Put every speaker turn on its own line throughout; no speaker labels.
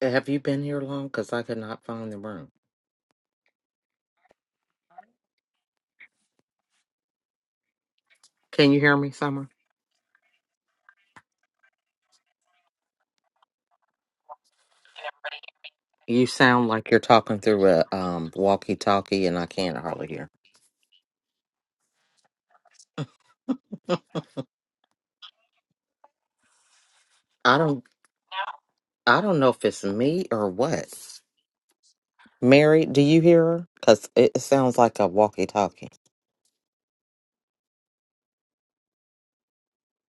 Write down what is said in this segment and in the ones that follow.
Have you been here long? Because I could not find the room. Can you hear me, Summer?
Can
You sound like you're talking through a um walkie-talkie, and I can't hardly hear. I don't. I don't know if it's me or what. Mary, do you hear her? Because it sounds like a walkie-talkie.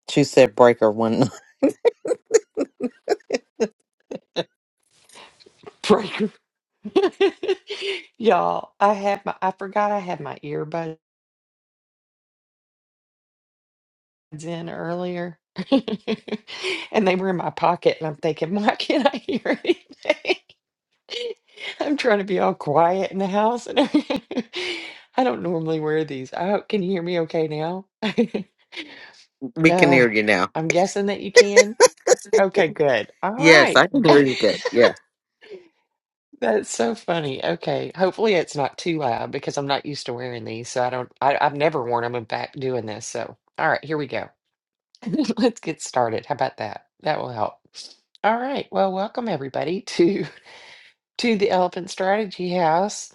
She said breaker one.
everybody hear me? No? Breaker. Y'all, I had my I forgot I had my earbuds in earlier. and they were in my pocket and I'm thinking, why can't I hear anything? I'm trying to be all quiet in the house and I don't normally wear these. I hope can you hear me okay now?
we can
uh,
hear you now.
I'm guessing that you can. Okay, good. All
Yes,
right.
I can hear you good. Yeah.
That's so funny. Okay. Hopefully it's not too loud because I'm not used to wearing these. So I don't, I, I've never worn them in back doing this. So, all right, here we go. Let's get started. How about that? That will help. All right. Well, welcome everybody to to the Elephant Strategy House.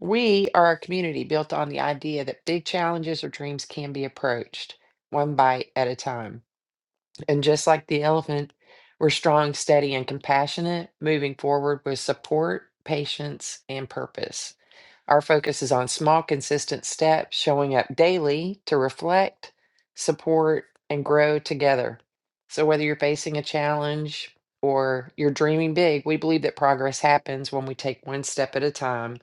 We are a community built on the idea that big challenges or dreams can be approached one bite at a time. And just like the elephant, we're strong, steady, and compassionate, moving forward with support, patience, and purpose. Our focus is on small, consistent steps, showing up daily to reflect, support, and grow together. So, whether you're facing a challenge or you're dreaming big, we believe that progress happens when we take one step at a time,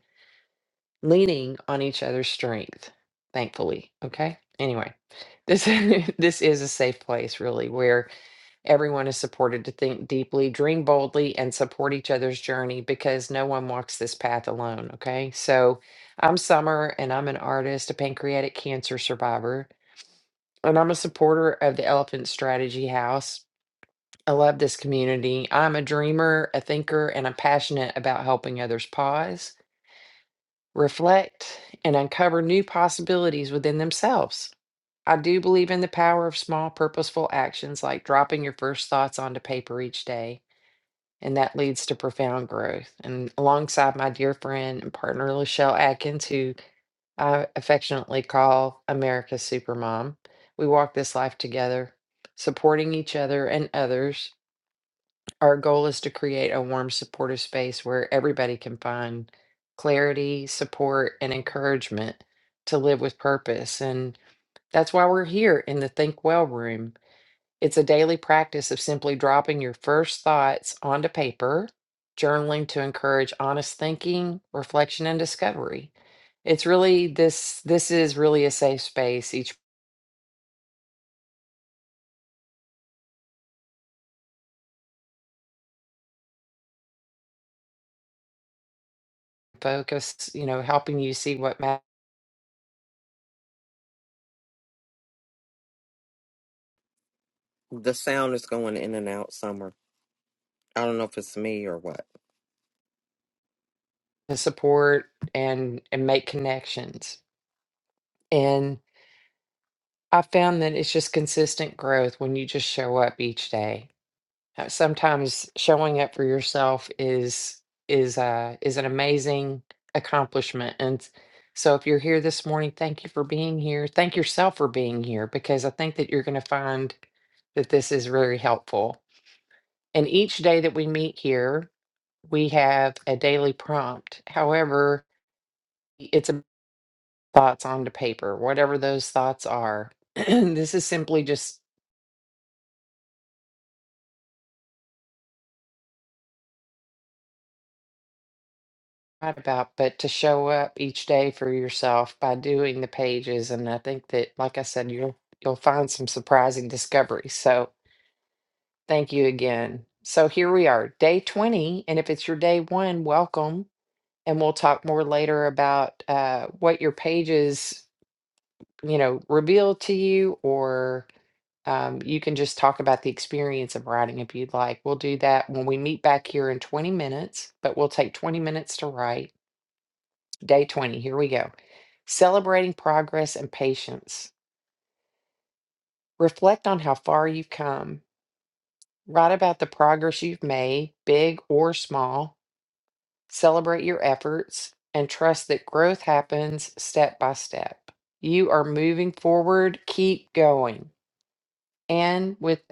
leaning on each other's strength, thankfully. Okay. Anyway, this, this is a safe place, really, where Everyone is supported to think deeply, dream boldly, and support each other's journey because no one walks this path alone. Okay. So I'm Summer and I'm an artist, a pancreatic cancer survivor, and I'm a supporter of the Elephant Strategy House. I love this community. I'm a dreamer, a thinker, and I'm passionate about helping others pause, reflect, and uncover new possibilities within themselves. I do believe in the power of small, purposeful actions like dropping your first thoughts onto paper each day and that leads to profound growth. And alongside my dear friend and partner, Lachelle Atkins, who I affectionately call America's Supermom, we walk this life together, supporting each other and others. Our goal is to create a warm, supportive space where everybody can find clarity, support, and encouragement to live with purpose. And that's why we're here in the Think Well room it's a daily practice of simply dropping your first thoughts onto paper, journaling to encourage honest thinking, reflection, and discovery. It's really this this is really a safe space. Each focus, you know, helping you see what matters
The sound is going in and out somewhere. I don't know if it's me or what.
to support and and make connections. And I found that it's just consistent growth when you just show up each day. uh, sometimes showing up for yourself is is uh is an amazing accomplishment and so if you're here this morning thank you for being here thank yourself for being here because i think that you're going to find that this is very helpful and each day that we meet here we have a daily prompt however it's a thoughts onto paper whatever those thoughts are this is simply just right about, but to show up each day for yourself by doing the pages. And I think that, like I said, you'll you'll find some surprising discoveries. So thank you again. So here we are, day 20. And if it's your day one, welcome. And we'll talk more later about uh, what your pages, you know, reveal to you, or um, you can just talk about the experience of writing if you'd like. We'll do that when we meet back here in 20 minutes, but we'll take 20 minutes to write. Day 20, here we go. Celebrating progress and patience. Reflect on how far you've come. Write about the progress you've made, big or small. Celebrate your efforts and trust that growth happens step by step. You are moving forward. Keep going. And with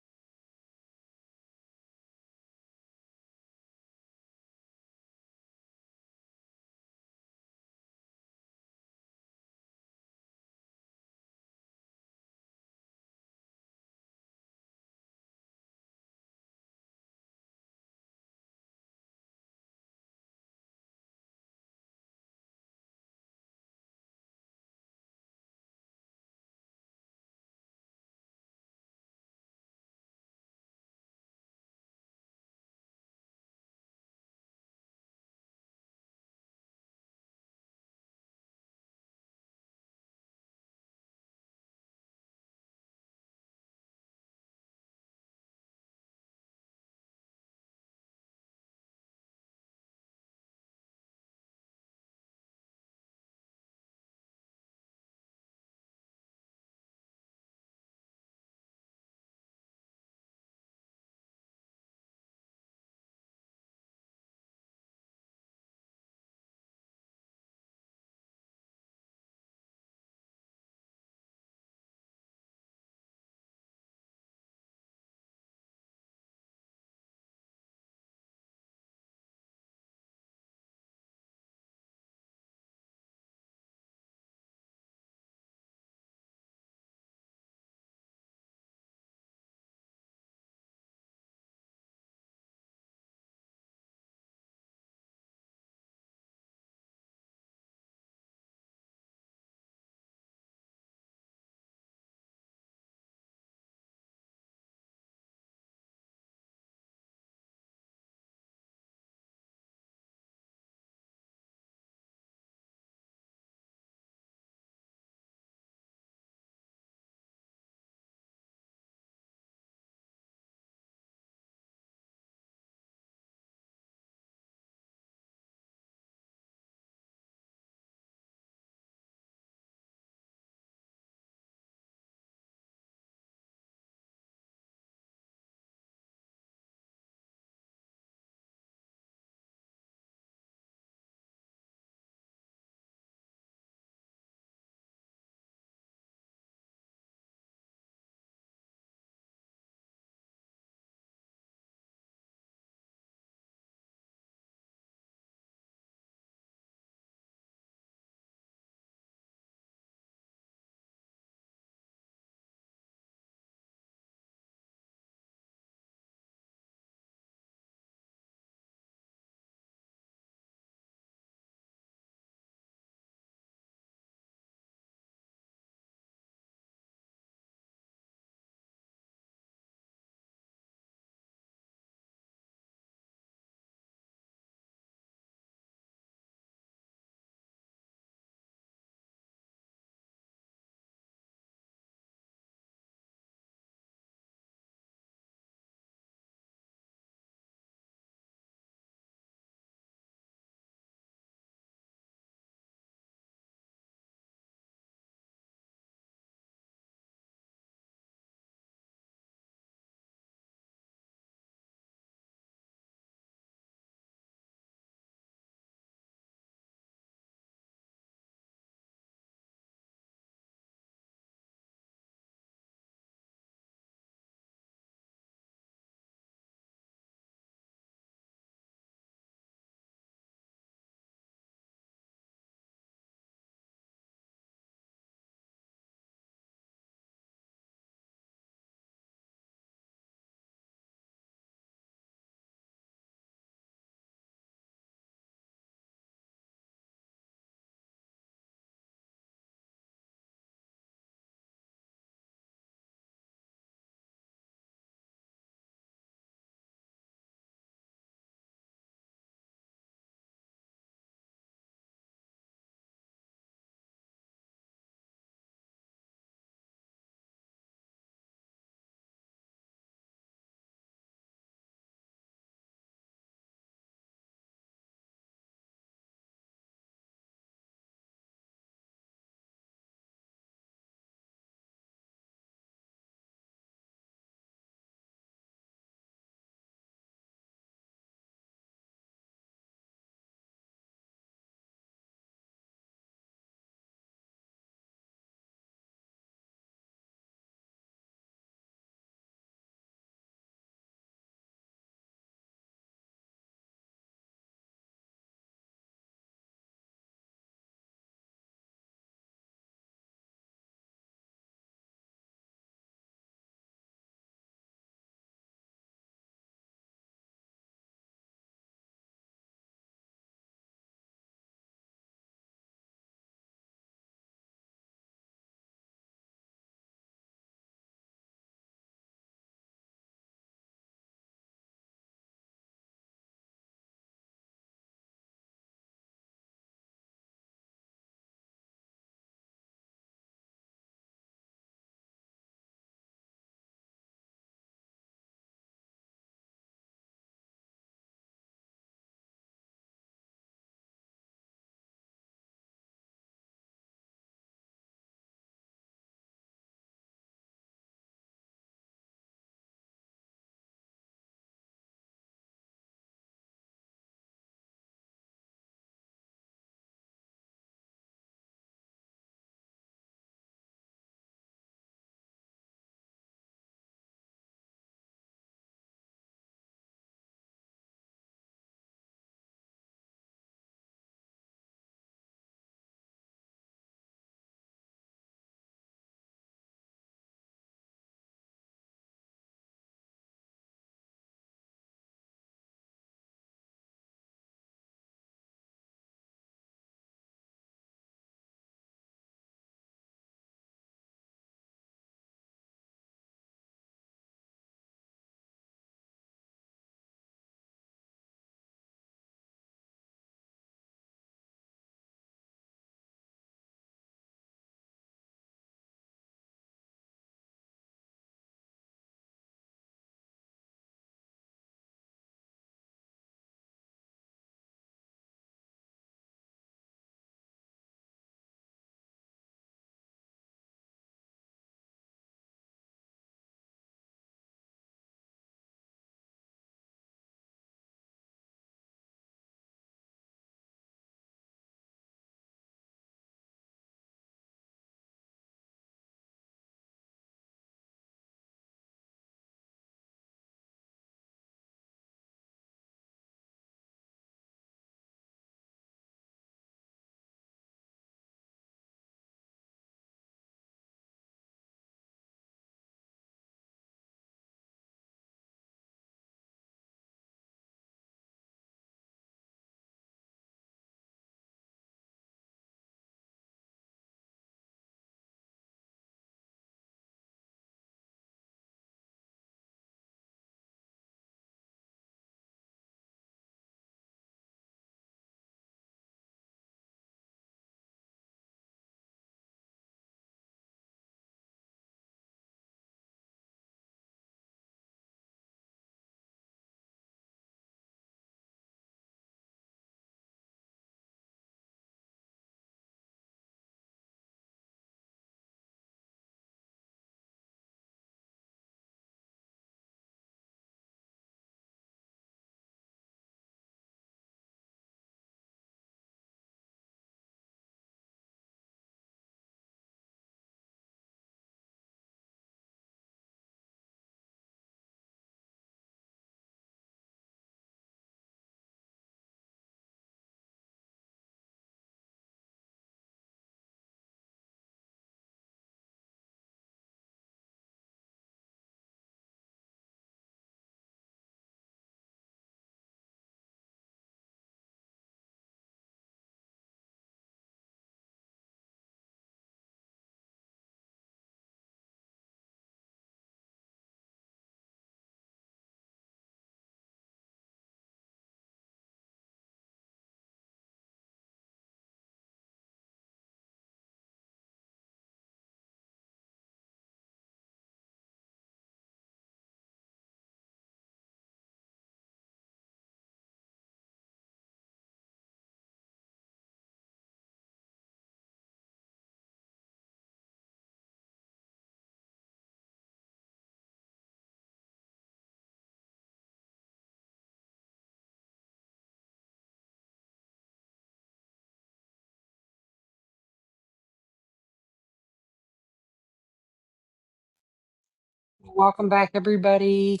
welcome back, everybody.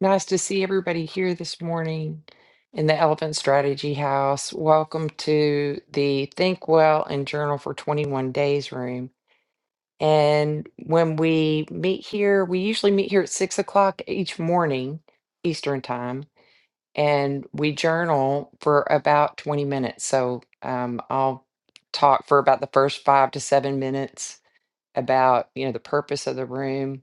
Nice to see everybody here this morning in the Elephant Strategy House. Welcome to the Think Well and Journal for 21 Days room. And when we meet here, we usually meet here at six o'clock each morning, Eastern time, and we journal for about 20 minutes. So um, I'll talk for about the first five to seven minutes about, you know, the purpose of the room,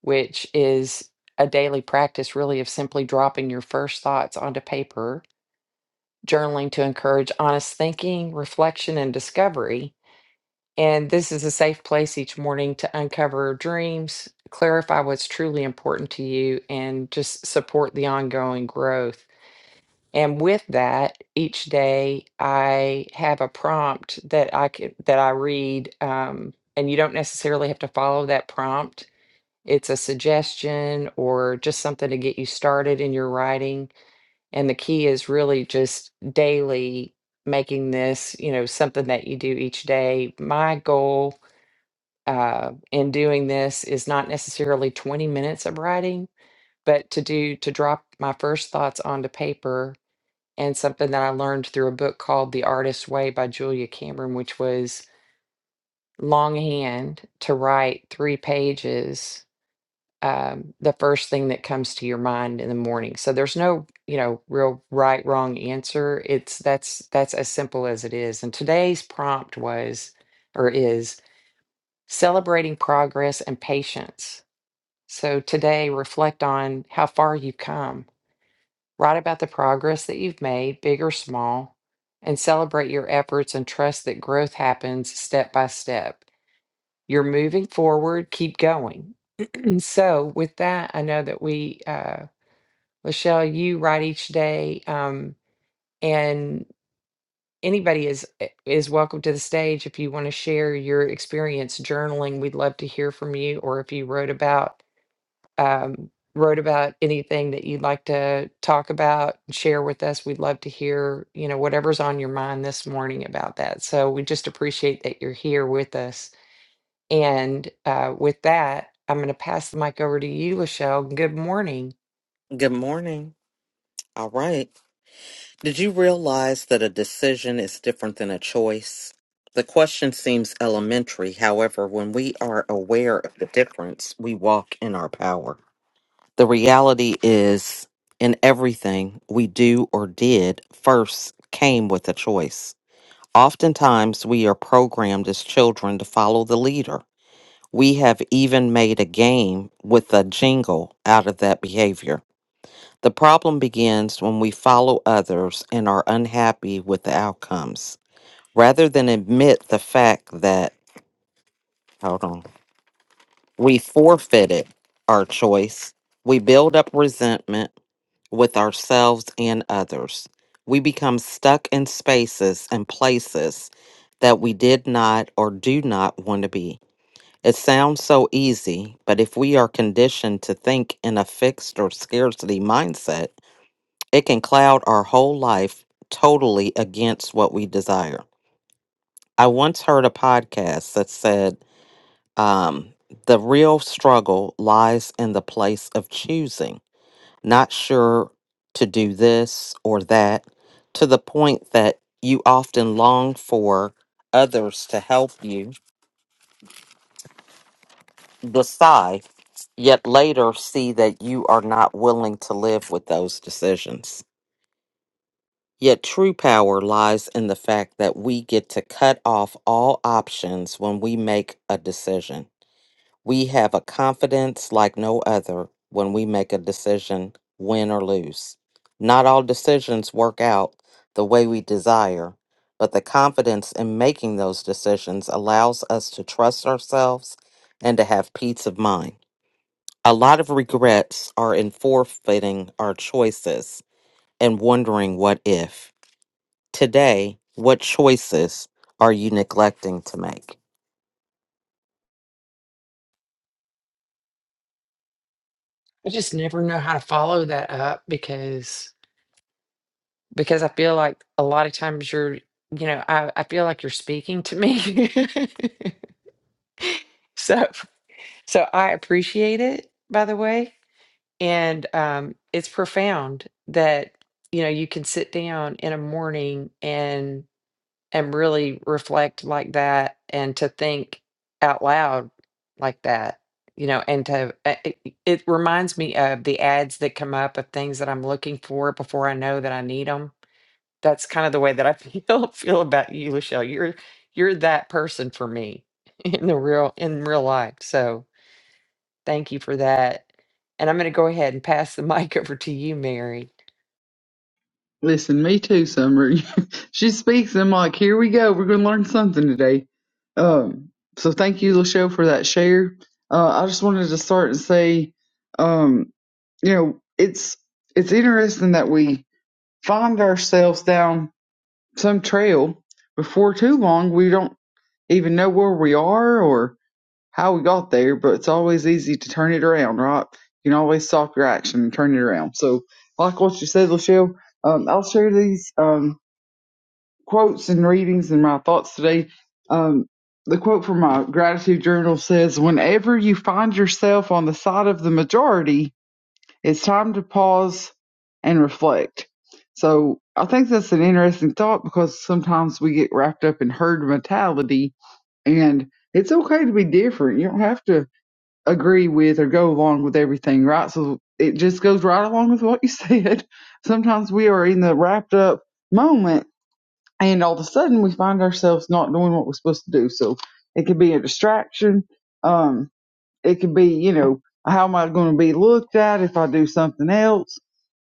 which is a daily practice really of simply dropping your first thoughts onto paper, journaling to encourage honest thinking, reflection, and discovery and this is a safe place each morning to uncover dreams, clarify what's truly important to you, and just support the ongoing growth. And with that, each day I have a prompt that I can, that I read, um, and you don't necessarily have to follow that prompt. It's a suggestion or just something to get you started in your writing. And the key is really just daily making this, you know, something that you do each day. My goal uh, in doing this is not necessarily 20 minutes of writing, but to do to drop my first thoughts onto paper and something that I learned through a book called The Artist's Way by Julia Cameron, which was longhand to write three pages. Um, the first thing that comes to your mind in the morning. So there's no, you know, real right wrong answer. It's that's that's as simple as it is. And today's prompt was, or is, celebrating progress and patience So today, reflect on how far you've come. Write about the progress that you've made, big or small, and celebrate your efforts and trust that growth happens step by step. You're moving forward, keep going. And so, with that, I know that we, uh, Lachelle, you write each day, um, and anybody is eh, is welcome to the stage if you want to share your experience journaling. We'd love to hear from you, or if you wrote about um, wrote about anything that you'd like to talk about and share with us, we'd love to hear, you know, whatever's on your mind this morning about that. So we just appreciate that you're here with us. And uh, with that, I'm going to pass the mic over to you, Lachelle. Good morning.
Good morning. All right. Did you realize that a decision is different than a choice? The question seems elementary. However, when we are aware of the difference, we walk in our power. The reality is, in everything we do or did, first came with a choice. Oftentimes, we are programmed as children to follow the leader. We have even made a game with a jingle out of that behavior. The problem begins when we follow others and are unhappy with the outcomes. Rather than admit the fact that, hold on, we forfeited our choice, we build up resentment with ourselves and others. We become stuck in spaces and places that we did not or do not want to be. It sounds so easy, but if we are conditioned to think in a fixed or scarcity mindset, It can cloud our whole life totally against what we desire. I once heard a podcast that said, um, the real struggle lies in the place of choosing, not sure to do this or that, to the point that you often long for others to help you decide, yet later see that you are not willing to live with those decisions. Yet true power lies in the fact that we get to cut off all options when we make a decision. We have a confidence like no other when we make a decision, win or lose. Not all decisions work out the way we desire, but the confidence in making those decisions allows us to trust ourselves and to have peace of mind. A lot of regrets are in forfeiting our choices and wondering what if. Today, what choices are you neglecting to make?
I just never know how to follow that up because because I feel like a lot of times you're, you know, I, I feel like you're speaking to me. so so I appreciate it, by the way. and um, it's profound that you know you can sit down in a morning and and really reflect like that and to think out loud like that you know and to uh, it, it reminds me of the ads that come up of things that i'm looking for before i know that i need them that's kind of the way that i feel feel about you lachelle you're you're that person for me in the real in real life so Thank you for that. And I'm going to go ahead and pass the mic over to you, Mary.
Listen, me too, Summer. she speaks. I'm like, here we go. We're going to learn something today. Um, so thank you, Lachelle, for that share. Uh, I just wanted to start and say, um, you know, it's it's interesting that we find ourselves down some trail before too long. We don't even know where we are, or how we got there, but it's always easy to turn it around, right? You can always stop your action and turn it around. So, like what you said, Lachelle, um, I'll share these um, quotes and readings and my thoughts today. Um, the quote from my gratitude journal says, Whenever you find yourself on the side of the majority, it's time to pause and reflect. So, I think that's an interesting thought because sometimes we get wrapped up in herd mentality and it's okay to be different. You don't have to agree with or go along with everything, right? So it just goes right along with what you said. Sometimes we are in the wrapped up moment and all of a sudden we find ourselves not doing what we're supposed to do. So it could be a distraction. Um, it could be, you know, how am I going to be looked at if I do something else?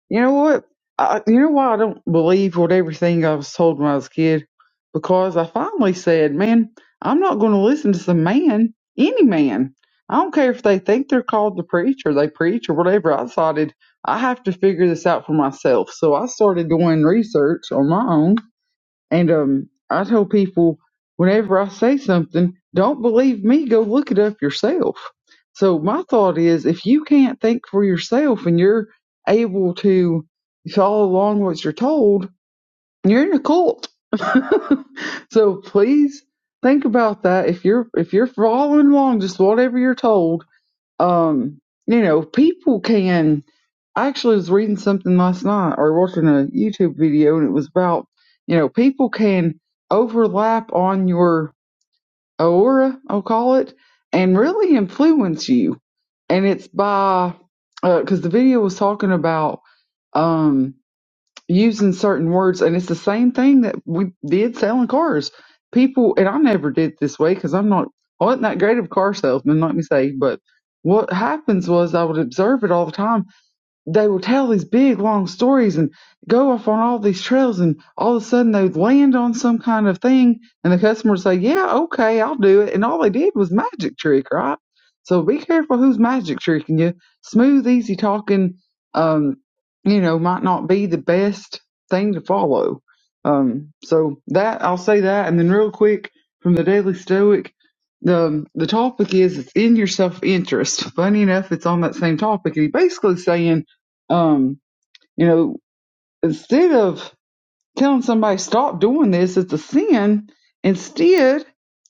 You know what? I, you know why I don't believe what everything I was told when I was a kid? Because I finally said, man, I'm not going to listen to some man, any man. I don't care if they think they're called to preach or they preach or whatever. I decided I have to figure this out for myself. So I started doing research on my own and um, I tell people whenever I say something, don't believe me, go look it up yourself. So my thought is if you can't think for yourself and you're able to follow along what you're told, you're in a cult. so please think about that. If you're if you're following along just whatever you're told, um, you know, people can I actually was reading something last night or watching a YouTube video and it was about, you know, people can overlap on your aura, I'll call it, and really influence you. And it's by, because the video was talking about um, using certain words, and it's the same thing that we did selling cars. People, and I never did it this way because I'm not, I wasn't that great of a car salesman, let me say, but what happens was I would observe it all the time they would tell these big long stories and go off on all these trails and all of a sudden they would land on some kind of thing and the customer would say yeah okay i'll do it and all they did was magic trick right so be careful who's magic tricking you smooth easy talking um you know might not be the best thing to follow um so that i'll say that and then real quick from the daily stoic the um, the topic is it's in your self interest funny enough it's on that same topic and he basically saying um, you know, instead of telling somebody stop doing this, it's a sin. Instead,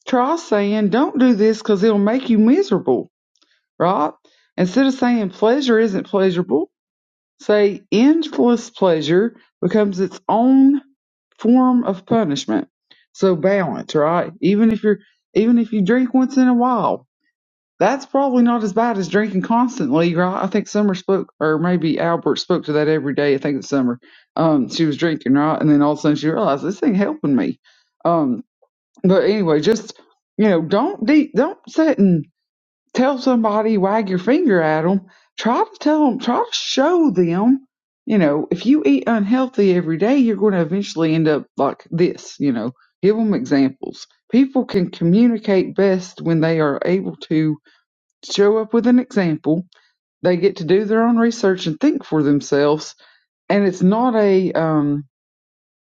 try saying don't do this because it'll make you miserable, right? Instead of saying pleasure isn't pleasurable, say endless pleasure becomes its own form of punishment. So balance, right? Even if you're even if you drink once in a while, that's probably not as bad as drinking constantly, right? I think Summer spoke, or maybe Albert spoke to that every day. I think it's Summer. Um, she was drinking, right? And then all of a sudden she realized this ain't helping me. Um, but anyway, just you know, don't de- don't sit and tell somebody wag your finger at them. Try to tell them. Try to show them. You know, if you eat unhealthy every day, you're going to eventually end up like this. You know, give them examples. People can communicate best when they are able to show up with an example. They get to do their own research and think for themselves. And it's not a um,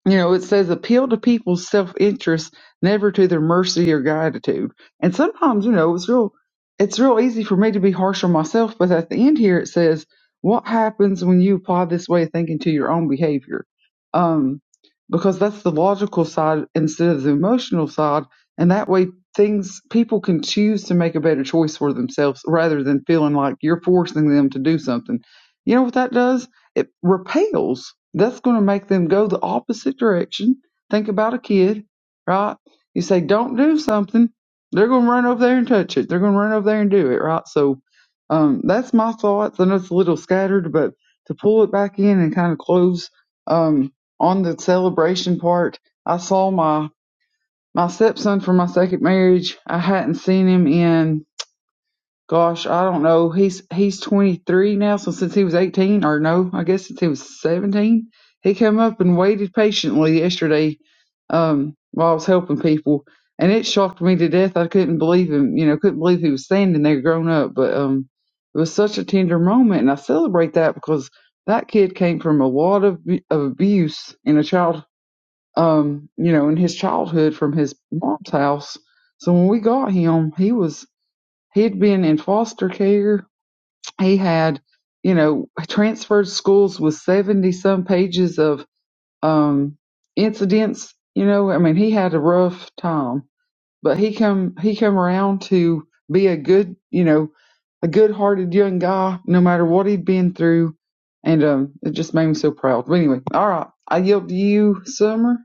you know, it says appeal to people's self interest, never to their mercy or gratitude. And sometimes, you know, it's real it's real easy for me to be harsh on myself, but at the end here it says, What happens when you apply this way of thinking to your own behavior? Um, because that's the logical side instead of the emotional side, and that way things people can choose to make a better choice for themselves rather than feeling like you're forcing them to do something. You know what that does? it repels. That's going to make them go the opposite direction. Think about a kid, right? You say, don't do something. They're going to run over there and touch it. They're going to run over there and do it, right? So, um, that's my thoughts. I know it's a little scattered, but to pull it back in and kind of close, um, on the celebration part, I saw my, my stepson from my second marriage. I hadn't seen him in Gosh, I don't know. He's he's 23 now, so since he was 18, or no, I guess since he was 17, he came up and waited patiently yesterday um, while I was helping people, and it shocked me to death. I couldn't believe him. You know, couldn't believe he was standing there, grown up. But um, it was such a tender moment, and I celebrate that because that kid came from a lot of of abuse in a child, um, you know, in his childhood from his mom's house. So when we got him, he was He'd been in foster care. He had, you know, transferred schools with 70 some pages of um, incidents. You know, I mean, he had a rough time, but he come, he come around to be a good, you know, a good hearted young guy, no matter what he'd been through. And um, it just made me so proud. But anyway, all right. I yield to you, Summer.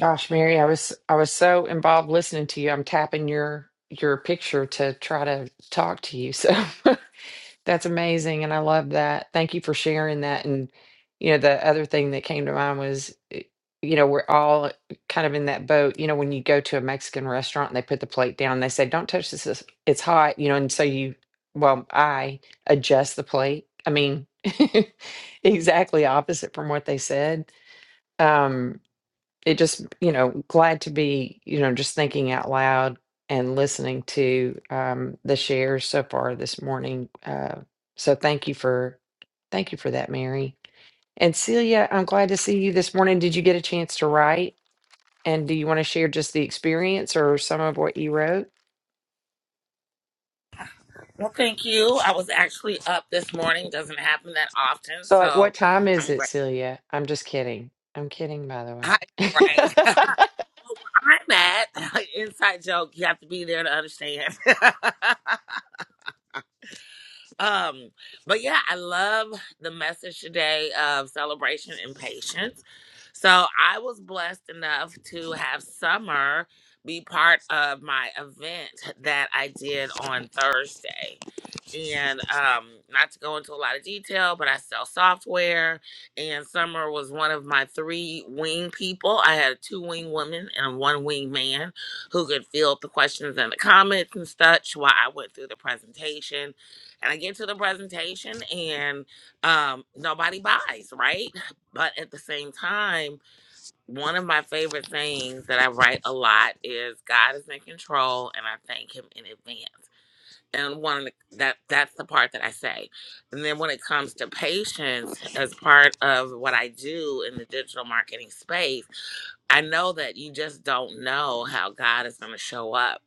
Gosh, Mary, I was I was so involved listening to you. I'm tapping your your picture to try to talk to you. So That's amazing, and I love that. Thank you for sharing that. And, you know, the other thing that came to mind was, eh, you know, we're all kind of in that boat. You know, when you go to a Mexican restaurant and they put the plate down, they say, "Don't touch this, this- it's hot," you know, and so you, well, I adjust the plate. I mean, exactly opposite from what they said. Um, it just you know glad to be you know just thinking out loud and listening to um the shares so far this morning uh so thank you for thank you for that mary and celia i'm glad to see you this morning did you get a chance to write and do you want to share just the experience or some of what you wrote
Well, thank you. I was actually up this morning. Doesn't happen that often,
so like what
so
time is
I'm
it
great.
celia i'm just kidding i'm kidding by the
Hi, right.
way
Hi, Matt. Inside joke. You have to be there to understand. um, but yeah, I love the message today of celebration and patience. So I was blessed enough to have Summer be part of my event that I did on Thursday. and um not to go into a lot of detail but i sell software and summer was one of my three wing people i had two wing women and one wing man who could field the questions and the comments and such while i went through the presentation and i get to the presentation and um nobody buys right but at the same time one of my favorite things that i write a lot is god is in control and i thank him in advance and one of the- that that's the part that I say. And then when it comes to patients, as part of what I do in the digital marketing space. I know that you just don't know how God is going to show up.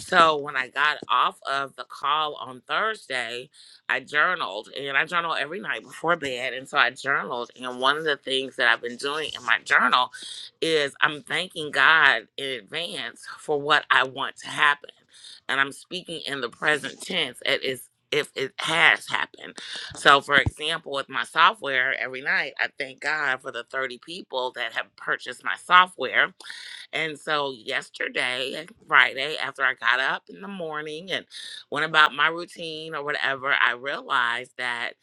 So when I got off of the call on Thursday, I journaled and I journal every night before bed. And so I journaled. And one of the things that I've been doing in my journal is I'm thanking God in advance for what I want to happen. And I'm speaking in the present tense. It is if it has happened. So, for example, with my software, every night I thank God for the 30 people that have purchased my software and so yesterday, eh, Friday, after I got up in the morning and went about my routine or whatever, I realized that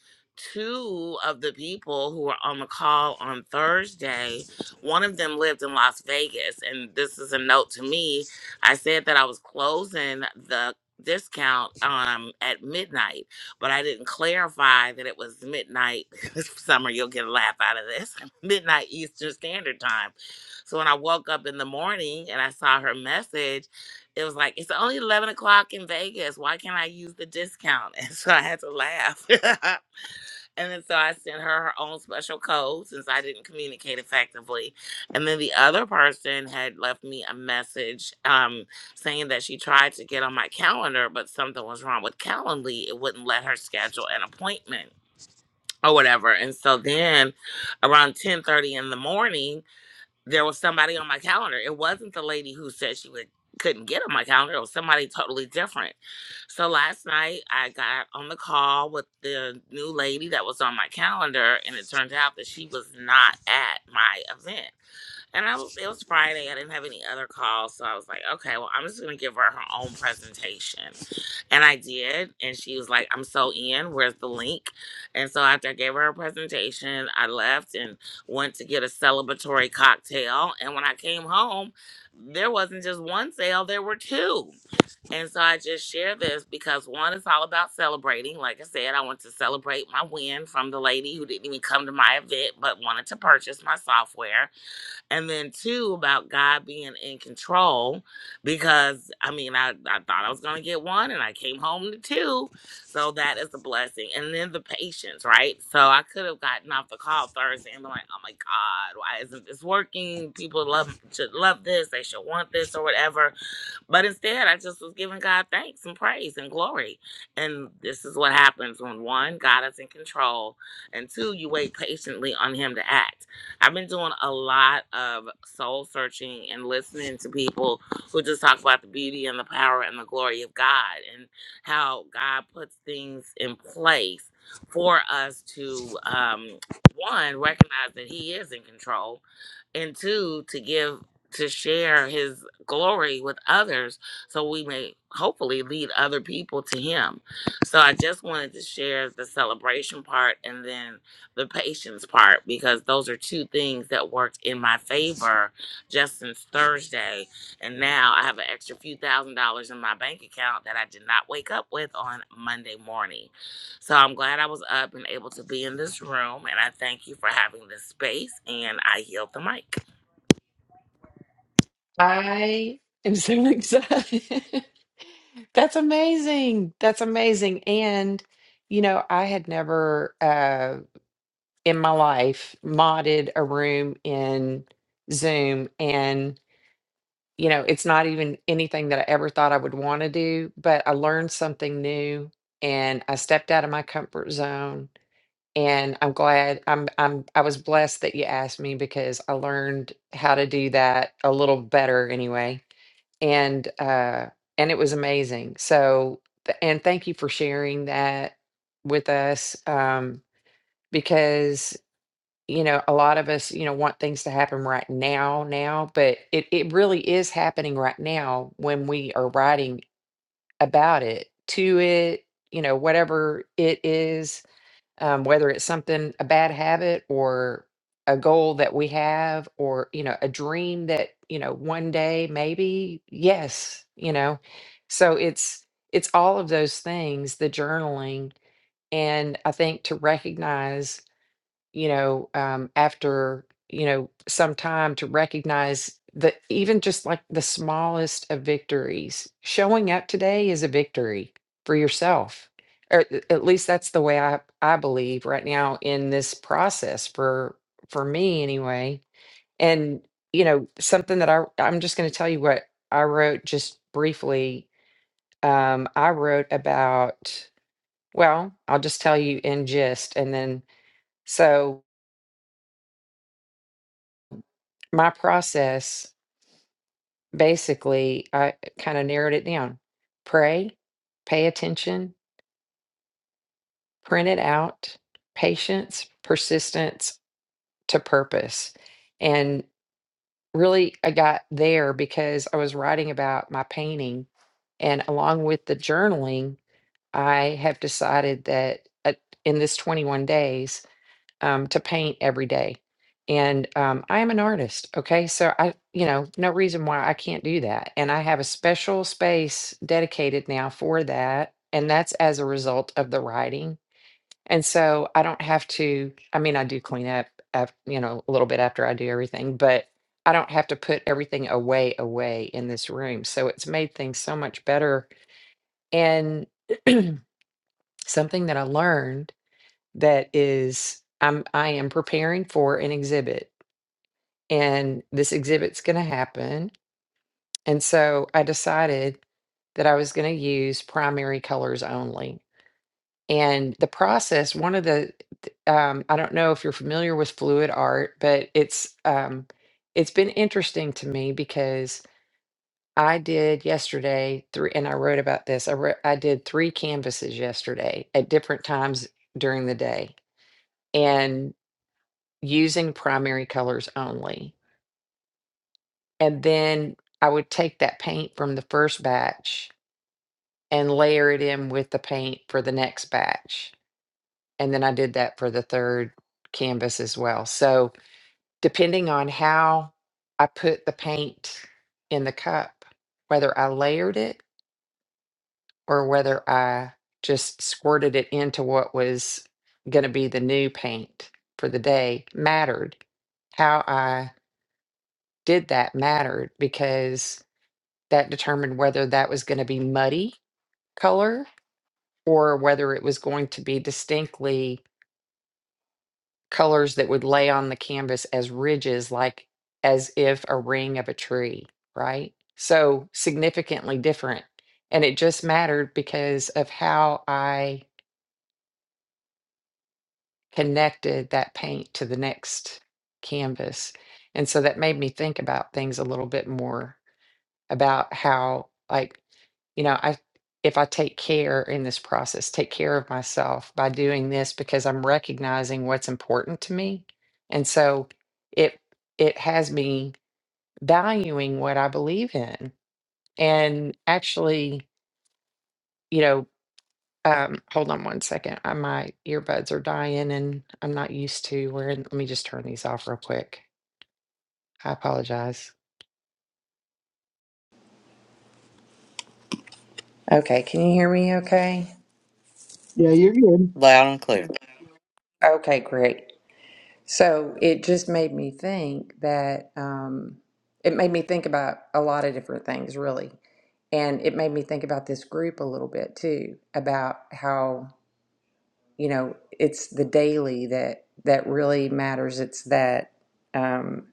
two of the people who were on the call on Thursday, one of them lived in Las Vegas. And this is a note to me. I said that I was closing the discount um at midnight but i didn't clarify that it was midnight summer you'll get a laugh out of this midnight eastern standard time so when I woke up in the morning and I saw her message, it was like, it's only 11 o'clock in Vegas. Why can't I use the discount? And so I had to laugh. and then so I sent her her own special code since I didn't communicate effectively. And then the other person had left me a message um, saying that she tried to get on my calendar, but something was wrong with Calendly. It wouldn't let her schedule an appointment or whatever. And so then around 10:30 in the morning, there was somebody on my calendar. It wasn't the lady who said she would couldn't get on my calendar. It was somebody totally different. So last night I got on the call with the new lady that was on my calendar, and it turned out that she was not at my event. And I was, it was Friday. I didn't have any other calls. So I was like, okay, well, I'm just going to give her her own presentation. And I did. And she was like, I'm so in. Where's the link? And so after I gave her her presentation, I left and went to get a celebratory cocktail. And when I came home, there wasn't just one sale, there were two. And so I just share this because one is all about celebrating. Like I said, I want to celebrate my win from the lady who didn't even come to my event but wanted to purchase my software and then two about God being in control because I mean I, I thought I was gonna get one and I came home to two. So that is a blessing. And then the patience, right? So I could have gotten off the call Thursday and been like, oh my God, why isn't this working? People love should love this, they should want this or whatever but instead, I just was giving God thanks and praise and glory. And this is what happens when one, God is in control, and two, you wait patiently on Him to act. I've been doing a lot of soul searching and listening to people who just talk about the beauty and the power and the glory of God and how God puts things in place for us to, um, one, recognize that He is in control, and two, to give to share his glory with others so we may hopefully lead other people to him. So I just wanted to share the celebration part and then the patience part because those are two things that worked in my favor just since Thursday. And now I have an extra few thousand dollars in my bank account that I did not wake up with on Monday morning. So I'm glad I was up and able to be in this room. And I thank you for having this space. And I yield the mic.
I am so excited. That's amazing. That's amazing. And, you know, I had never uh, in my life modded a room in Zoom. And, you know, it's not even anything that I ever thought I would want to do, but I learned something new and I stepped out of my comfort zone. And I'm glad I'm I'm I was blessed that you asked me because I learned how to do that a little better anyway and uh and it was amazing so th- and thank you for sharing that with us um because you know a lot of us you know want things to happen right now now but it it really is happening right now when we are writing about it to it you know whatever it is um, whether it's something a bad habit or a goal that we have or you know a dream that you know one day maybe yes you know so it's it's all of those things the journaling and i think to recognize you know, um, after, you know, some time to recognize that even just like the smallest of victories, showing up today is a victory for yourself. Or a- at least that's the way I, I believe right now in this process for for me anyway. And you know, something that I I'm just going to tell you what I wrote just briefly. Um, I wrote about well, I'll just tell you in gist and then so my process basically i kind of narrowed it down pray pay attention print it out patience persistence to purpose and really i got there because i was writing about my painting and along with the journaling i have decided that uh, in this 21 days um, to paint every day. And um, I am an artist. Okay. So I, you know, no reason why I can't do that. And I have a special space dedicated now for that. And that's as a result of the writing. And so I don't have to, I mean, I do clean up, af- you know, a little bit after I do everything, but I don't have to put everything away, away in this room. So it's made things so much better. And something that I learned that is I'm I am preparing for an exhibit and this exhibit's going to happen. And so I decided that I was going to use primary colors only. And the process, one of the th- um, I don't know if you're familiar with fluid art, but it's um, it's been interesting to me because I did yesterday three, and I wrote about this. I wrote, I did three canvases yesterday at different times during the day, using primary colors only. And then I would take that paint from the first batch and layer it in with the paint for the next batch. And then I did that for the third canvas as well. So, depending on how I put the paint in the cup, whether I layered it or whether I just squirted it into what was going to be the new paint for the day mattered. How I did that mattered because that determined whether that was going to be muddy color or whether it was going to be distinctly colors that would lay on the canvas as ridges, like as if a ring of a tree, right? So significantly different. And it just mattered because of how I connected that paint to the next canvas. And so that made me think about things a little bit more about how like you know i if i take care in this process take care of myself by doing this because i'm recognizing what's important to me and so it it has me valuing what i believe in and actually you know um hold on one second I, my earbuds are dying and i'm not used to wearing let me just turn these off real quick i apologize okay can you hear me okay
Yeah, you're good.
Loud and clear.
okay great So it just made me think that um, it made me think about a lot of different things, really. And it made me think about this group a little bit too, about how, you know, it's the daily that that really matters. It's that um,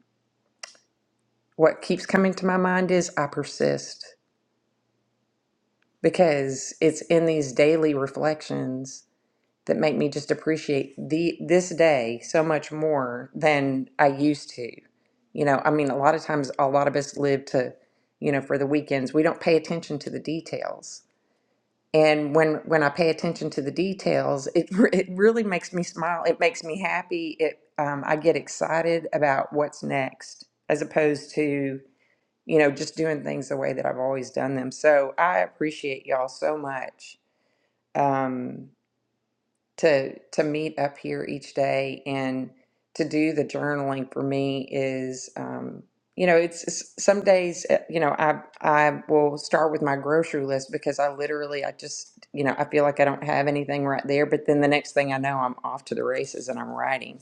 what keeps coming to my mind is I persist because it's in these daily reflections that make me just appreciate the this day so much more than I used to. You know, I mean, a lot of times, a lot of us live to, you know, for the weekends. We don't pay attention to the details. And when when I pay attention to the details, it re- it really makes me smile. It makes me happy. It um, I get excited about what's next, as opposed to you know just doing things the way that I've always done them. So I appreciate y'all so much. Um, to to meet up here each day and to do the journaling for me is um you know it's, it's some days uh, you know i i will start with my grocery list because i literally i just you know i feel like i don't have anything right there but then the next thing i know i'm off to the races and i'm writing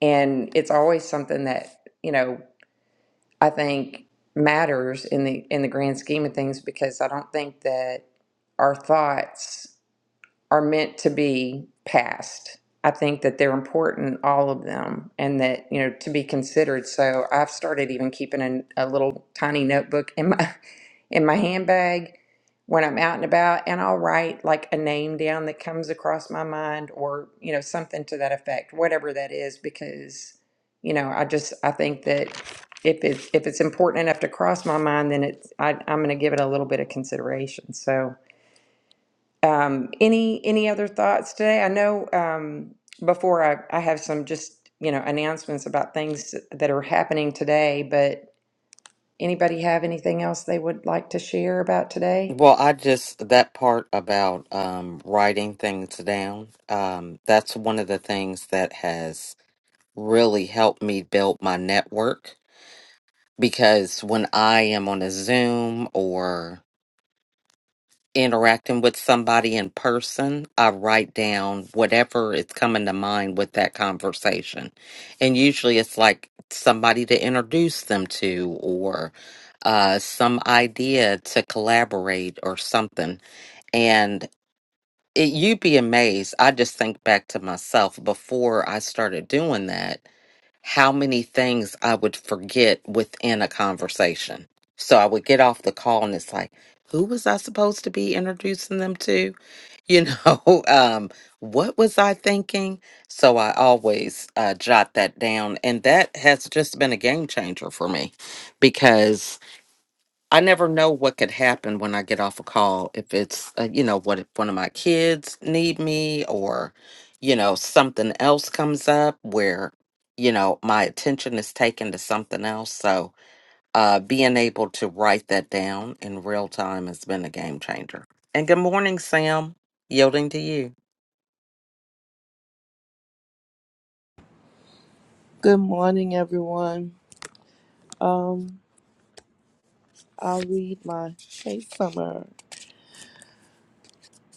and it's always something that you know i think matters in the in the grand scheme of things because i don't think that our thoughts are meant to be passed. I think that they're important, all of them, and that, you know, to be considered. So I've started even keeping a, a little tiny notebook in my in my handbag when I'm out and about, and I'll write like a name down that comes across my mind or, you know, something to that effect, whatever that is, because, you know, I just I think that if it's if it's important enough to cross my mind, then it's I, I'm gonna give it a little bit of consideration. So um, any any other thoughts today? I know um, before I, I have some just you know announcements about things that are happening today, but anybody have anything else they would like to share about today?
Well, I just, that part about um, writing things down, um, that's one of the things that has really helped me build my network because when I am on a Zoom or interacting with somebody in person, I write down whatever is coming to mind with that conversation. And usually it's like somebody to introduce them to or uh, some idea to collaborate or something. And it, you'd be amazed. I just think back to myself before I started doing that how many things I would forget within a conversation. So I would get off the call and it's like, who was I supposed to be introducing them to? You know, um, what was I thinking? So I always uh, jot that down. And that has just been a game changer for me because I never know what could happen when I get off a call. If it's, uh, you know, what if one of my kids need me or, you know, something else comes up where, you know, my attention is taken to something else. So uh, being able to write that down in real time has been a game changer. And good morning, Sam. Yielding to you.
Good morning, everyone. Um, I'll read my hey summer.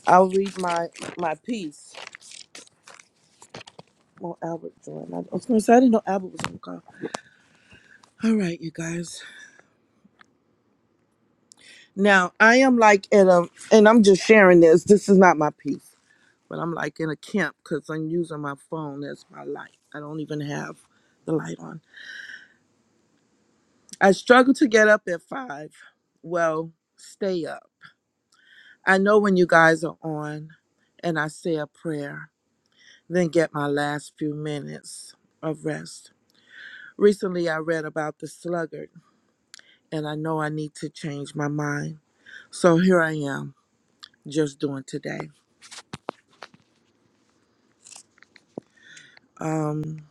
I'll read my my piece. Well, Albert joined. I was gonna say I didn't know Albert was gonna call. All right, you guys. Now I am like in a, and I'm just sharing this. This is not my piece, but I'm like in a camp because I'm using my phone as my light. I don't even have the light on. I struggle to get up at five. Well, stay up. I know when you guys are on, and I say a prayer. then get my last few minutes of rest. Recently, I read about the sluggard, and I know I need to change my mind. So here I am, just doing today. Um,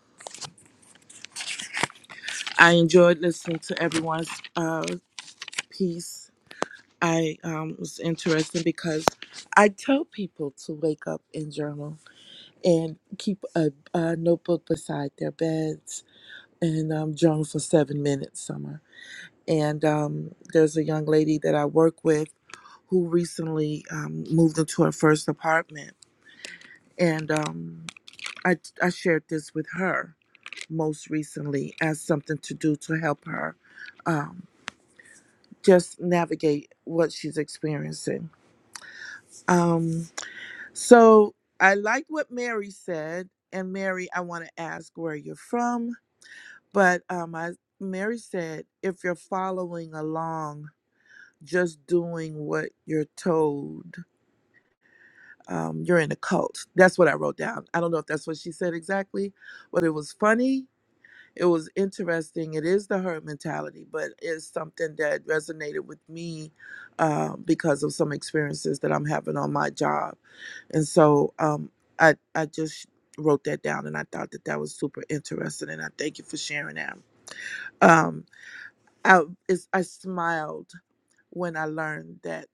I enjoyed listening to everyone's uh, piece. I um, was interested because I tell people to wake up and journal and keep a, a notebook beside their beds and um, journal for seven minutes, summer. And um, there's a young lady that I work with who recently um, moved into her first apartment. And um, I, I shared this with her most recently as something to do to help her um, just navigate what she's experiencing. Um, so I like what Mary said. And Mary, I want to ask where you're from. But um, I, Mary said, if you're following along, just doing what you're told um, you're in a cult. That's what I wrote down. I don't know if that's what she said exactly, but it was funny. It was interesting. It is the herd mentality, but it's something that resonated with me uh, because of some experiences that I'm having on my job, and so um, I I just wrote that down, and I thought that that was super interesting, and I thank you for sharing that. Um, I it's, I smiled when I learned that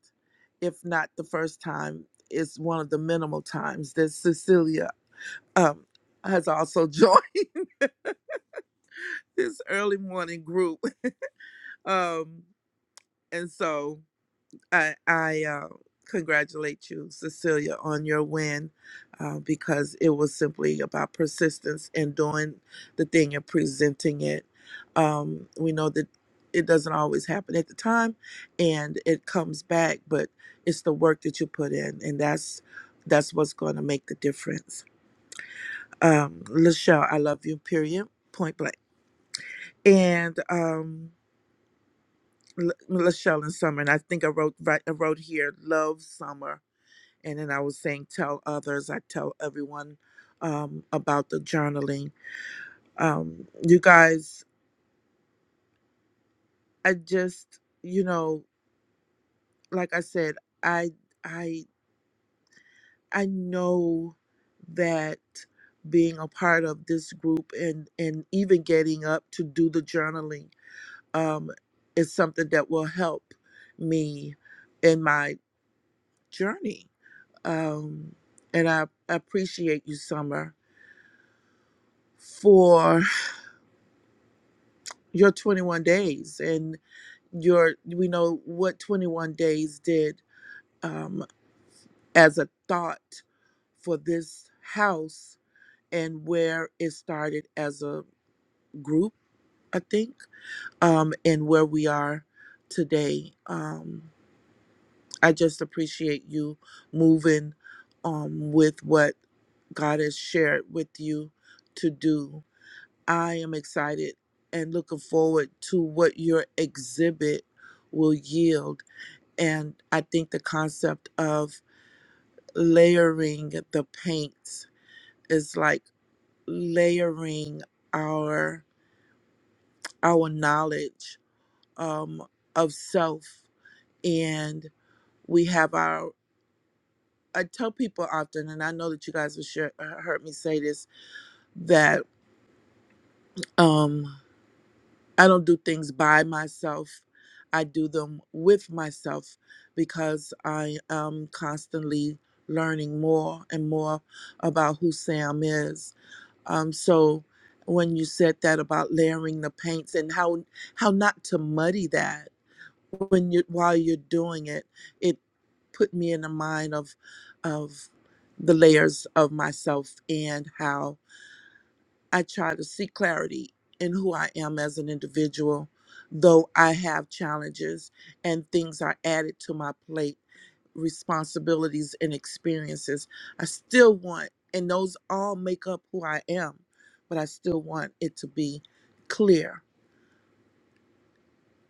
if not the first time, it's one of the minimal times that Cecilia um, has also joined this early morning group. Um, and so I, I uh, congratulate you, Cecilia, on your win uh, because it was simply about persistence and doing the thing and presenting it. Um, we know that it doesn't always happen at the time and it comes back, but it's the work that you put in, and that's that's what's going to make the difference. Um, Lachelle, I love you, period, point blank. And um, L- Lachelle and Summer, and I think I wrote right, I wrote here, love Summer And then I was saying, tell others. I tell everyone um, about the journaling. Um, you guys, I just, you know, like I said, I, I, I know that being a part of this group and and even getting up to do the journaling um, is something that will help me in my journey. Um, and I appreciate you, Summer, for your 21 days and your we know what 21 days did um, as a thought for this house and where it started as a group i think um, and where we are today um, i just appreciate you moving um, with what god has shared with you to do I am excited and looking forward to what your exhibit will yield. And I think the concept of layering the paints is like layering our our knowledge um, of self. And we have our. I tell people often, and I know that you guys have share, heard me say this, that um I don't do things by myself. I do them with myself because I am constantly learning more and more about who Sam is. Um, so when you said that about layering the paints and how how not to muddy that when you while you're doing it, it put me in the mind of of the layers of myself and how I try to see clarity in who I am as an individual, though I have challenges and things are added to my plate, responsibilities and experiences. I still want, and those all make up who I am, but I still want it to be clear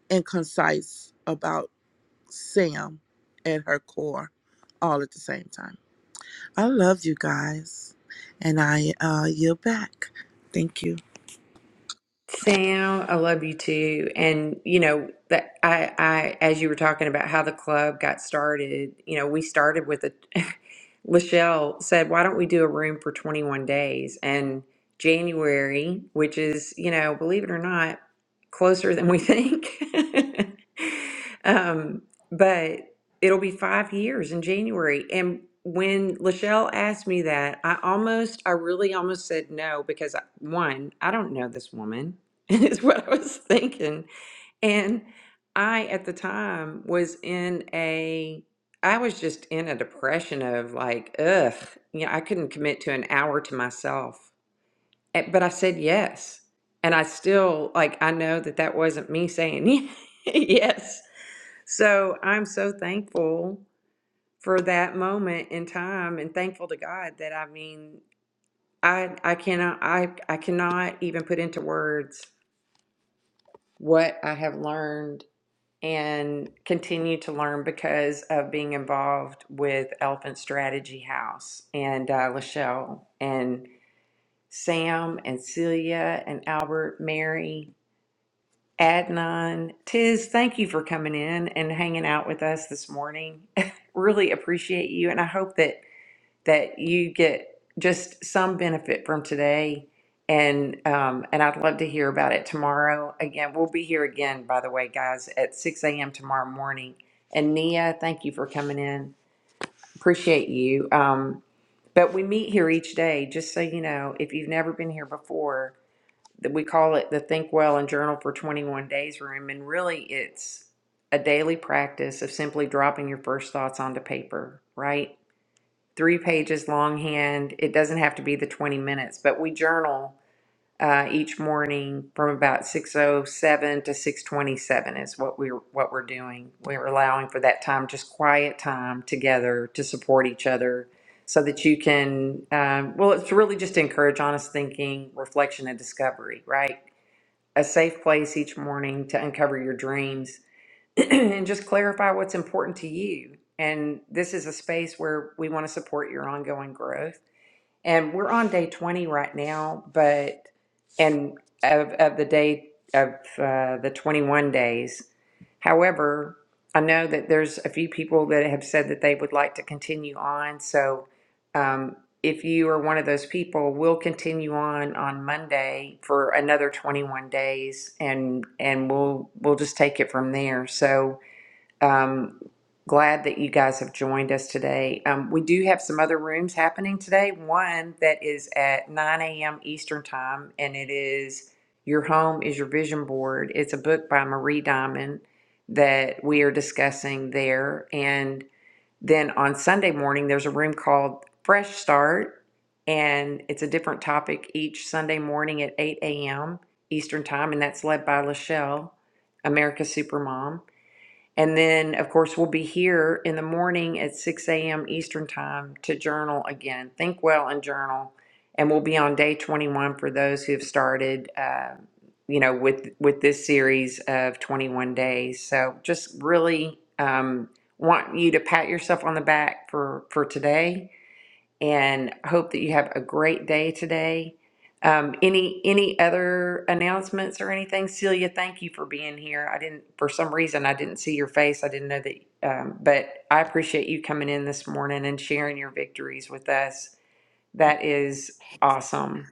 and concise about Sam at her core all at the same time. I love you guys, and I uh, yield back. Thank you.
Sam, I love you too. And you know that I, I, as you were talking about how the club got started, you know, we started with a. Lachelle said, "Why don't we do a room for 21 days?" And January, which is you know, believe it or not, closer than we think. um, but it'll be five years in January, and when Lachelle asked me that, I almost, I really almost said no because I, one, I don't know this woman. is what I was thinking. And I, at the time, was in a, I was just in a depression of like, ugh, you know, I couldn't commit to an hour to myself. Eh, But I said yes. And I still, like, I know that that wasn't me saying yes. So I'm so thankful for that moment in time and thankful to God that I mean, I, I cannot I, I cannot even put into words what I have learned and continue to learn because of being involved with Elephant Strategy House and uh, Lachelle and Sam and Celia and Albert, Mary, Adnan, Tiz. Thank you for coming in and hanging out with us this morning. really appreciate you, and I hope that that you get just some benefit from today. And um, and I'd love to hear about it tomorrow. Again, we'll be here again, by the way, guys, at 6 a.m. tomorrow morning. And Nia, thank you for coming in. Appreciate you. Um, but we meet here each day, just so you know, if you've never been here before, that we call it the Think Well and Journal for 21 Days Room. And really, it's a daily practice of simply dropping your first thoughts onto paper, right? three pages longhand. It doesn't have to be the 20 minutes, but we journal uh, each morning from about 6:07 to 6:27 is what we're what we're doing. We're allowing for that time, just quiet time together to support each other, so that you can. Um, well, it's really just to encourage honest thinking, reflection, and discovery. Right, a safe place each morning to uncover your dreams and just clarify what's important to you. And this is a space where we want to support your ongoing growth. And we're on day 20 right now, but and of, of the day of uh, the 21 days. However, I know that there's a few people that have said that they would like to continue on. So um, if you are one of those people, we'll continue on on Monday for another 21 days and and we'll we'll just take it from there. So um, glad that you guys have joined us today. Um, we do have some other rooms happening today. One that is at 9 a.m. Eastern Time, and it is Your Home is Your Vision Board. It's a book by Marie Diamond that we are discussing there. And then on Sunday morning, there's a room called Fresh Start, and it's a different topic each Sunday morning at 8 a.m. Eastern Time, and that's led by Lachelle, America's Supermom. And then, of course, we'll be here in the morning at 6 a.m. Eastern Time to journal again. Think well and journal. And we'll be on day 21 for those who have started, uh, you know, with with this series of 21 days. So just really um, want you to pat yourself on the back for for today and hope that you have a great day today. Um, any any other announcements or anything, Celia? Thank you for being here. I didn't for some reason I didn't see your face. I didn't know that, um, but I appreciate you coming in this morning and sharing your victories with us. That is awesome.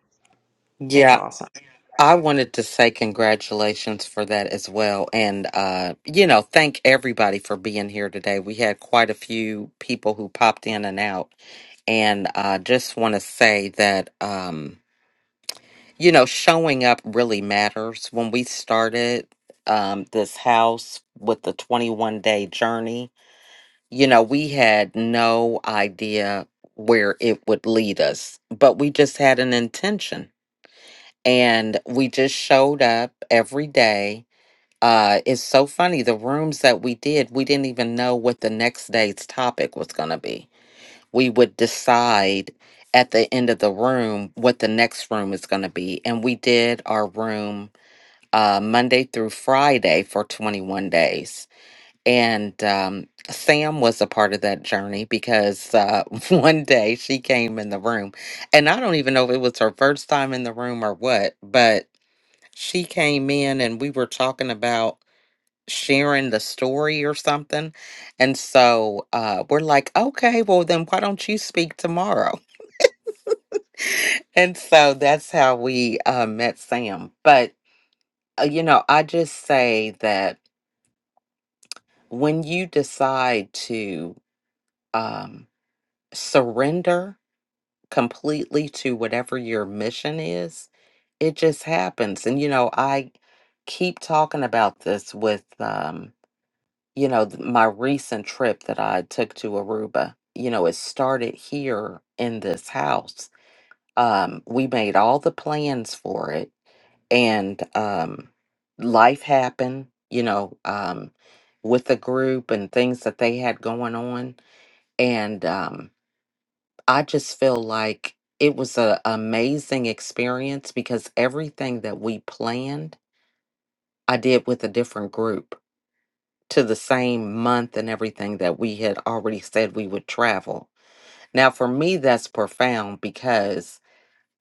Yeah.
It's awesome.
I wanted to say congratulations for that as well. And, uh, you know, thank everybody for being here today. We had quite a few people who popped in and out. And I just want to say that, um, you know, showing up really matters. When we started um, this house with the 21 day journey, you know, we had no idea where it would lead us, but we just had an intention and we just showed up every day. Uh, it's so funny. The rooms that we did, we didn't even know what the next day's topic was going to be. We would decide at the end of the room what the next room is going to be. And we did our room uh, Monday through Friday for 21 days. And um, Sam was a part of that journey because uh, one day she came in the room and I don't even know if it was her first time in the room or what, but she came in and we were talking about sharing the story or something. And so uh, we're like, okay, well, then why don't you speak tomorrow? And so that's how we uh, met Sam. But, uh, you know, I just say that when you decide to um, surrender completely to whatever your mission is, it just happens. And, you know, I keep talking about this with. Um, you know, th- my recent trip that I took to Aruba, you know, it started here in this house. Um, we made all the plans for it and um, life happened, you know, um, with the group and things that they had going on. And um, I just feel like it was an amazing experience because everything that we planned, I did with a different group to the same month and everything that we had already said we would travel. Now, for me, that's profound because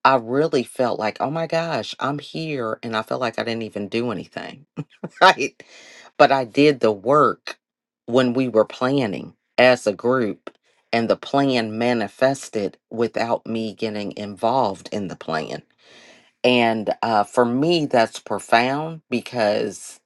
I really felt like, oh my gosh, I'm here. And I felt like I didn't even do anything, right? But I did the work when we were planning as a group, and the plan manifested without me getting involved in the plan. And uh, for me, that's profound because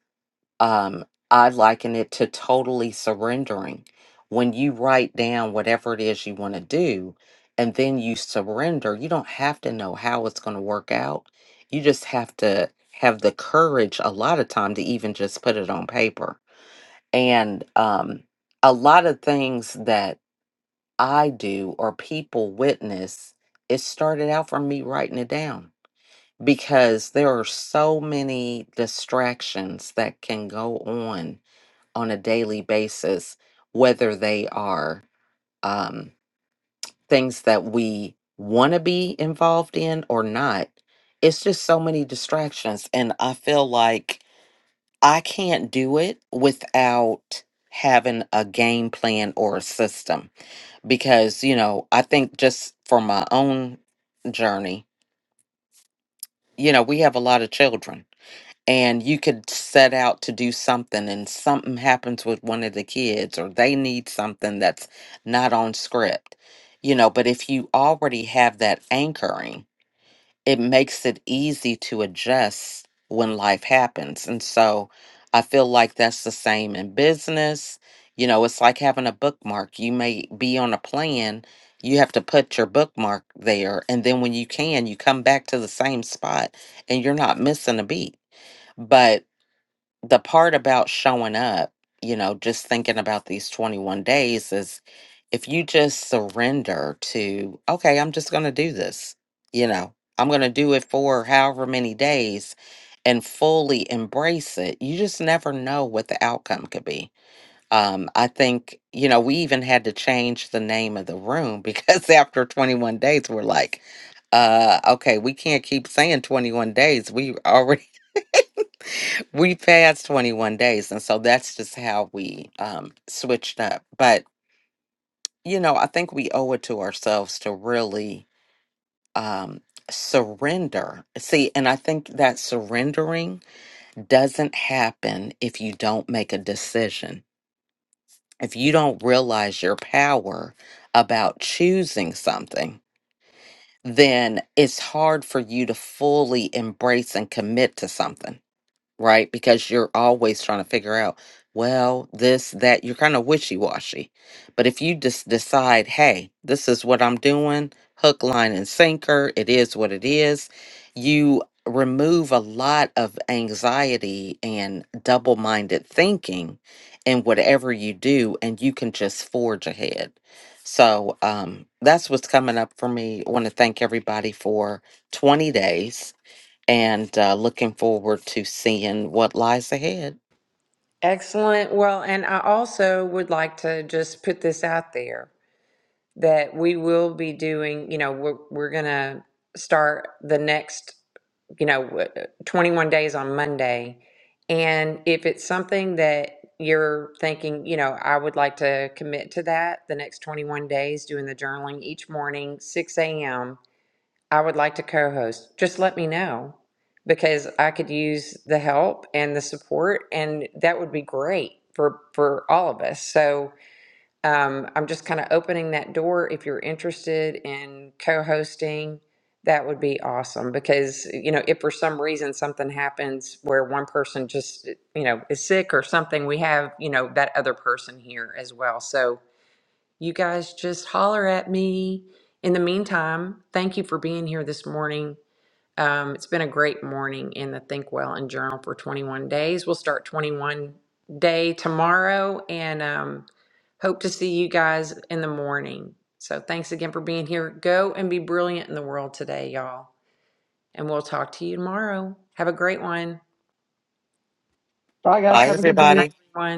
um, I liken it to totally surrendering. When you write down whatever it is you want to do and then you surrender, you don't have to know how it's going to work out. You just have to have the courage a lot of time to even just put it on paper. And um, a lot of things that I do or people witness, it started out from me writing it down because there are so many distractions that can go on on a daily basis, whether they are um, things that we want to be involved in or not. It's just so many distractions. And I feel like I can't do it without having a game plan or a system because, you know, I think just for my own journey, you know, we have a lot of children and you could set out to do something and something happens with one of the kids or they need something that's not on script you know but if you already have that anchoring it makes it easy to adjust when life happens and so i feel like that's the same in business you know it's like having a bookmark you may be on a plan you have to put your bookmark there and then when you can you come back to the same spot and you're not missing a beat but the part about showing up, you know, just thinking about these 21 days is if you just surrender to, okay, I'm just going to do this, you know, I'm going to do it for however many days and fully embrace it, you just never know what the outcome could be. Um, I think, you know, we even had to change the name of the room because after 21 days, we're like, uh, okay, we can't keep saying 21 days. We already we fast 21 days and so that's just how we um switched up but you know i think we owe it to ourselves to really um surrender see and i think that surrendering doesn't happen if you don't make a decision if you don't realize your power about choosing something then it's hard for you to fully embrace and commit to something right? Because you're always trying to figure out, well, this, that, you're kind of wishy washy. But if you just decide, hey, this is what I'm doing, hook, line, and sinker, it is what it is, you remove a lot of anxiety and double minded thinking in whatever you do, and you can just forge ahead. So um, that's what's coming up for me. I want to thank everybody for 20 days and uh, looking forward to seeing what lies ahead.
Excellent. Well, and I also would like to just put this out there. that we will be doing, you know, we're, we're going to start the next, you know, 21 days on Monday. And if it's something that you're thinking, you know, I would like to commit to that the next 21 days, doing the journaling each morning, 6 a.m., I would like to co host. Just let me know because I could use the help and the support, and that would be great for, for all of us. So, um, I'm just kind of opening that door. If you're interested in co-hosting, that would be awesome because, you know, if for some reason something happens where one person just, eh, you know, is sick or something, we have, you know, that other person here as well. So you guys just holler at me. In the meantime, thank you for being here this morning. Um, it's been a great morning in the Think Well and Journal for 21 days. We'll start 21 day tomorrow and um, hope to see you guys in the morning. So thanks again for being here. Go and be brilliant in the world today, y'all. And we'll talk to you tomorrow. Have a great one.
All right, guys.
Bye,
Have a good day.
Bye,
everybody.
everyone.